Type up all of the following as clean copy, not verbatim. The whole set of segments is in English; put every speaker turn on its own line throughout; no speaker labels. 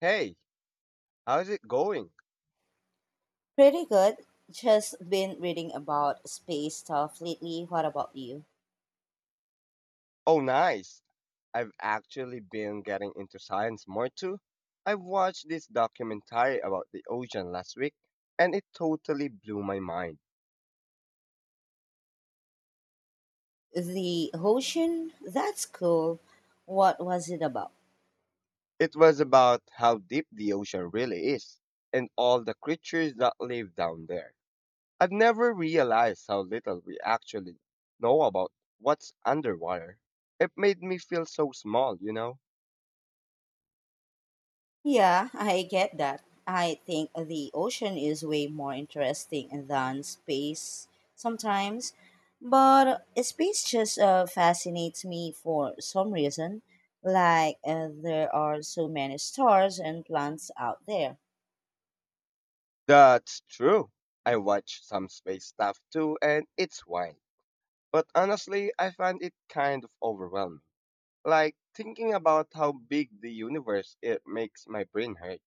Hey, how's it going?
Pretty good. Just been reading about space stuff lately. What about you?
Oh, nice. I've actually been getting into science more too. I watched this documentary about the ocean last week and it totally blew my mind.
The ocean? That's cool. What was it about?
It was about how deep the ocean really is and all the creatures that live down there. I've never realized how little we actually know about what's underwater. It made me feel so small, you know?
Yeah, I get that. I think the ocean is way more interesting than space sometimes, but space just fascinates me for some reason. Like, there are so many stars and plants out there.
That's true. I watch some space stuff too and it's wild. But honestly, I find it kind of overwhelming. Like thinking about how big the universe it makes my brain hurt.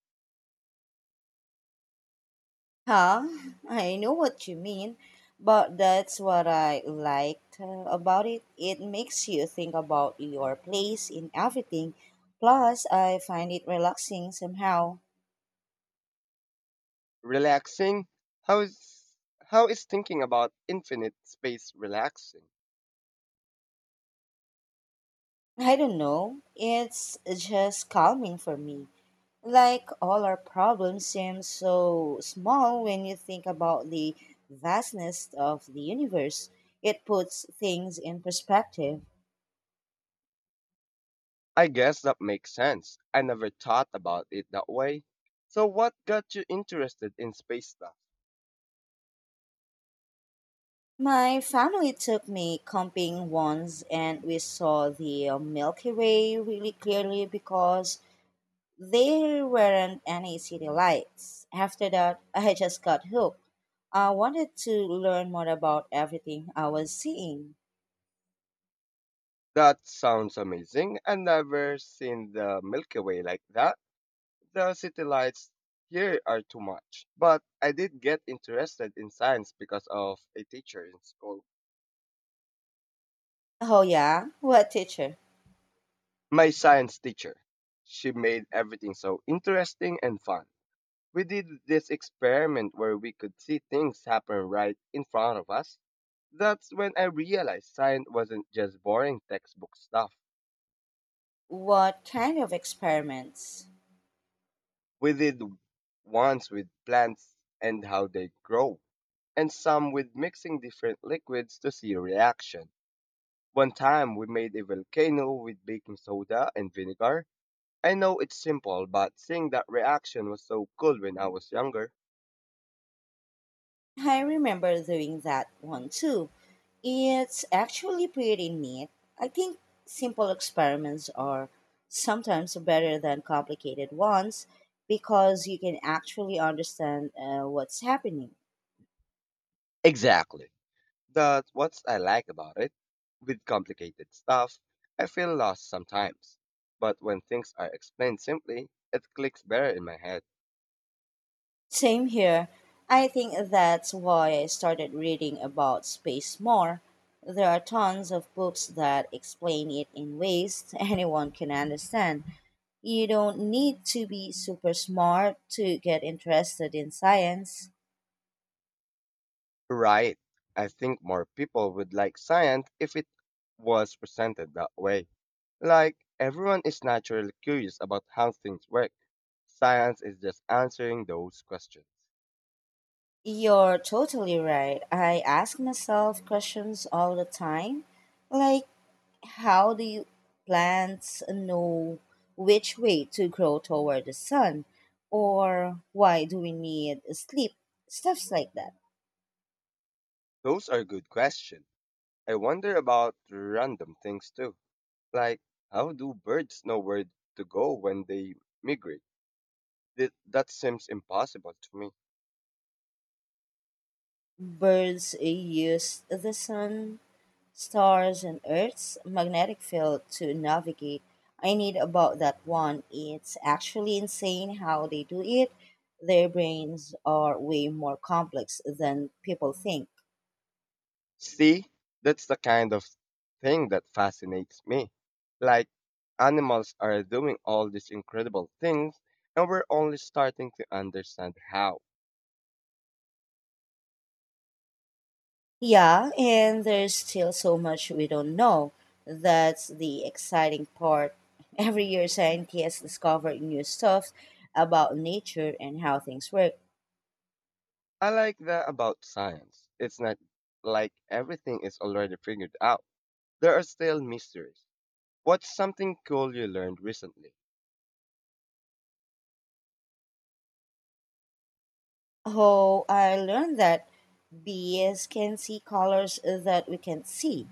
Huh? I know what you mean, but that's what I liked about it. It makes you think about your place in everything. Plus, I find it relaxing somehow.
Relaxing? How is how is thinking about infinite space relaxing?
I don't know. It's just calming for me. Like all our problems seem so small when you think about the vastness of the universe. It puts things in perspective.
I guess that makes sense. I never thought about it that way. So what got you interested in space stuff?
My family took me camping once and we saw the Milky Way really clearly because there weren't any city lights. After that, I just got hooked. I wanted to learn more about everything I was seeing.
That sounds amazing. I never seen the Milky Way like that. The city lights here are too much. But I did get interested in science because of a teacher in school.
Oh, yeah? What teacher?
My science teacher. She made everything so interesting and fun. We did this experiment where we could see things happen right in front of us. That's when I realized science wasn't just boring textbook stuff.
What kind of experiments?
We did ones with plants and how they grow, and some with mixing different liquids to see reaction. One time we made a volcano with baking soda and vinegar. I know it's simple, but seeing that reaction was so cool when I was younger.
I remember doing that one too. It's actually pretty neat. I think simple experiments are sometimes better than complicated ones because you can actually understand what's happening.
Exactly. That's what I like about it. With complicated stuff, I feel lost sometimes. But when things are explained simply, it clicks better in my head.
Same here. I think that's why I started reading about space more. There are tons of books that explain it in ways anyone can understand. You don't need to be super smart to get interested in science.
Right. I think more people would like science if it was presented that way. Like, everyone is naturally curious about how things work. Science is just answering those questions.
You're totally right. I ask myself questions all the time like, how the plants know which way to grow toward the sun or why do we need sleep stuffs like that
Those are good questions. I wonder about random things too. Like, how do birds know where to go when they migrate? That seems impossible to me.
birds use the sun stars and earth's magnetic field to navigate I need about that one it's actually insane how they do it their brains are way more complex than people think.
See, that's the kind of thing that fascinates me. Like, animals are doing all these incredible things, and we're only starting to understand how.
Yeah, and there's still so much we don't know. That's the exciting part. Every year, scientists discover new stuff about nature and how things work.
I like the about science. It's not like everything is already figured out. There are still mysteries. What's something cool you learned recently?
Oh, I learned that bees can see colors that we can't see.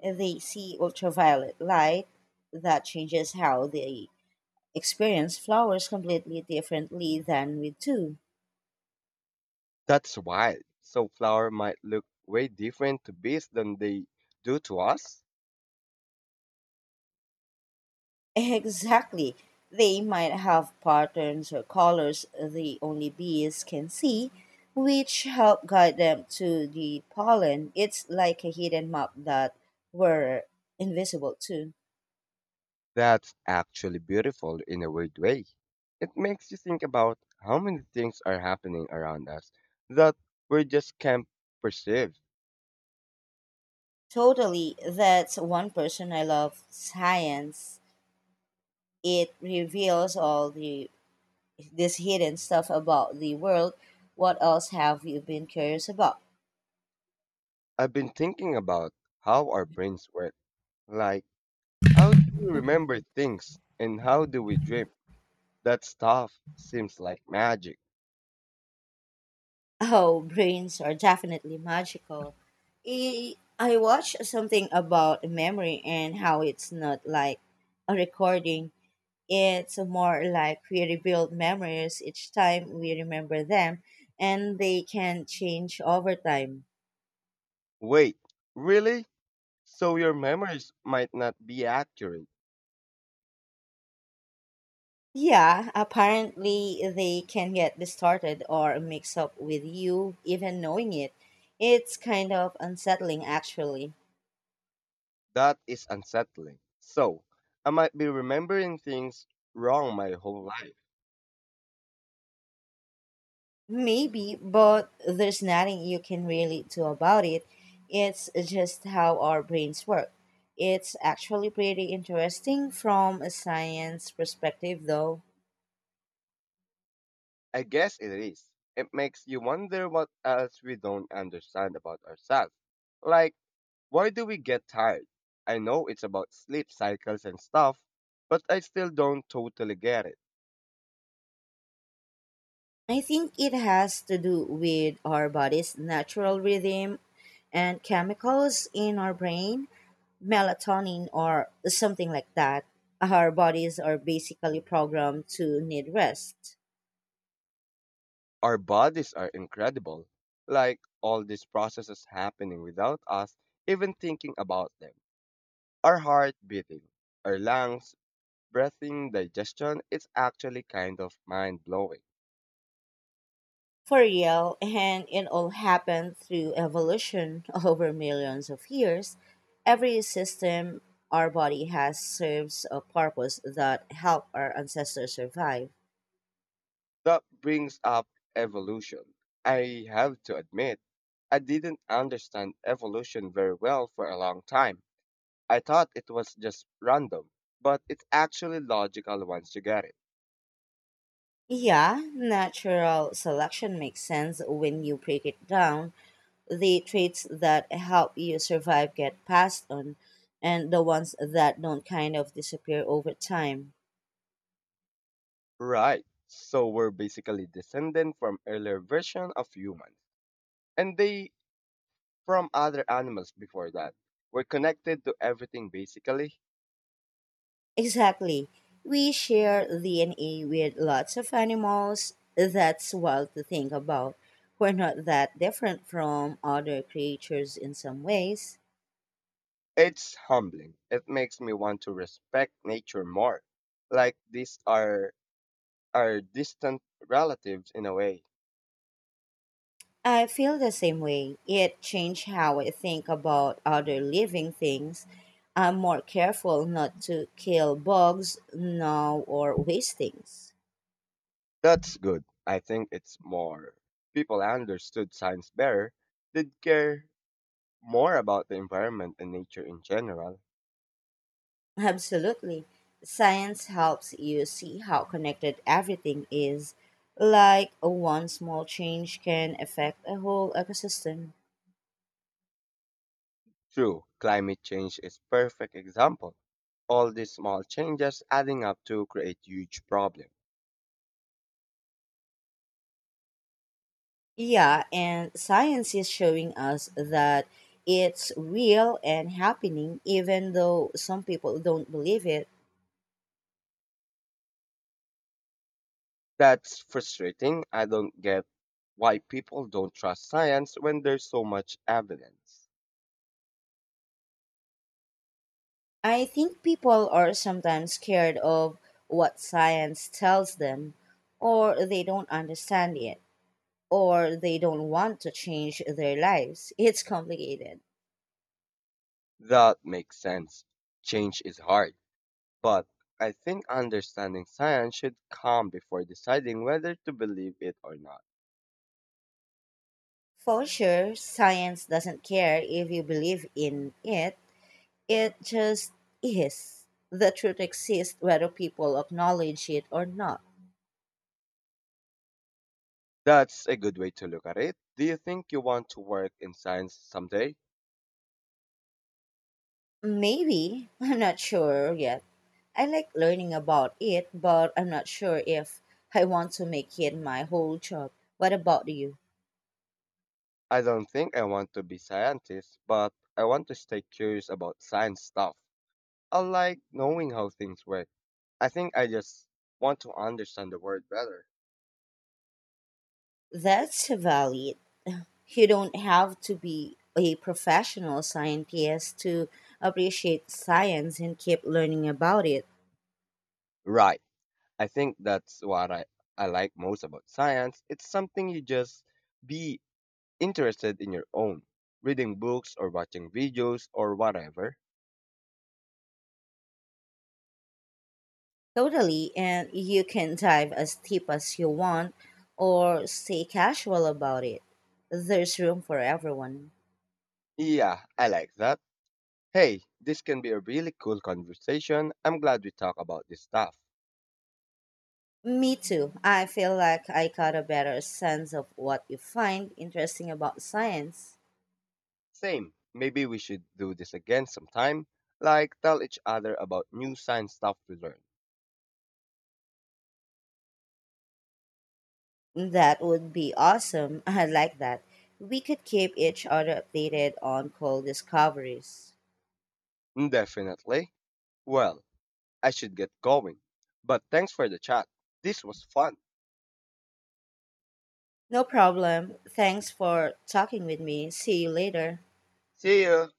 They see ultraviolet light that changes how they experience flowers completely differently than we do.
That's wild. So flower might look way different to bees than they do to us?
Exactly. They might have patterns or colors the only bees can see, which help guide them to the pollen. It's like a hidden map that were invisible to.
That's actually beautiful in a weird way. It makes you think about how many things are happening around us that we just can't perceive.
Totally, that's one person I love science. It reveals all the this hidden stuff about the world. What else have you been curious about?
I've been thinking about how our brains work. Like, how do we remember things and how do we dream? That stuff seems like magic.
Oh, brains are definitely magical. I watched something about memory and how it's not like a recording. It's more like we rebuild memories each time we remember them, and they can change over time.
Wait, really? So your memories might not be accurate.
Yeah, apparently they can get distorted or mix up with you even knowing it. It's kind of unsettling actually.
That is unsettling. So, I might be remembering things wrong my whole life.
Maybe, but there's nothing you can really do about it. It's just how our brains work. It's actually pretty interesting from a science perspective, though.
I guess it is. It makes you wonder what else we don't understand about ourselves. Like, why do we get tired? I know it's about sleep cycles and stuff, but I still don't totally get it.
I think it has to do with our body's natural rhythm and chemicals in our brain, melatonin or something like that. Our bodies are basically programmed to need rest.
Our bodies are incredible. Like all these processes happening without us even thinking about them. Our heart beating, our lungs, breathing, digestion, it's actually kind of mind blowing.
For real, and it all happened through evolution over millions of years. Every system our body has serves a purpose that helped our ancestors survive.
That brings up evolution. I have to admit, I didn't understand evolution very well for a long time. I thought it was just random, but it's actually logical once you get it.
Yeah, natural selection makes sense when you break it down. The traits that help you survive get passed on, and the ones that don't kind of disappear over time.
Right. So we're basically descended from earlier version of humans. And they, from other animals before that, were connected to everything basically.
Exactly. We share DNA with lots of animals. That's wild to think about. We're not that different from other creatures in some ways.
It's humbling. It makes me want to respect nature more. Like these are our distant relatives in a way.
I feel the same way. It changed how I think about other living things. I'm more careful not to kill bugs now or waste things.
That's good. I think it's more. People understood science better, did care more about the environment and nature in general.
Absolutely. Science helps you see how connected everything is, like one small change can affect a whole ecosystem.
True, climate change is perfect example. All these small changes adding up to create huge problems.
Yeah, and science is showing us that it's real and happening, even though some people don't believe it.
That's frustrating. I don't get why people don't trust science when there's so much evidence.
I think people are sometimes scared of what science tells them, or they don't understand it, or they don't want to change their lives. It's complicated.
That makes sense. Change is hard, but I think understanding science should come before deciding whether to believe it or not.
For sure, science doesn't care if you believe in it, it just is. The truth exists whether people acknowledge it or not.
That's a good way to look at it. Do you think you want to work in science someday?
Maybe, I'm not sure yet. I like learning about it, but I'm not sure if I want to make it my whole job. What about you?
I don't think I want to be scientist, but I want to stay curious about science stuff. I like knowing how things work. I think I just want to understand the world better.
That's valid. You don't have to be a professional scientist to appreciate science and keep learning about it.
Right. I think that's what I like most about science. It's something you just be interested in your own, reading books or watching videos or whatever.
Totally, and you can dive as deep as you want or stay casual about it. There's room for everyone.
Yeah, I like that. Hey, this can be a really cool conversation. I'm glad we talk about this stuff.
Me too. I feel like I got a better sense of what you find interesting about science.
Same. Maybe we should do this again sometime. Like, tell each other about new science stuff we learn.
That would be awesome. I like that. We could keep each other updated on cool discoveries.
Definitely. Well, I should get going. But thanks for the chat. This was fun.
No problem. Thanks for talking with me. See you later.
See you.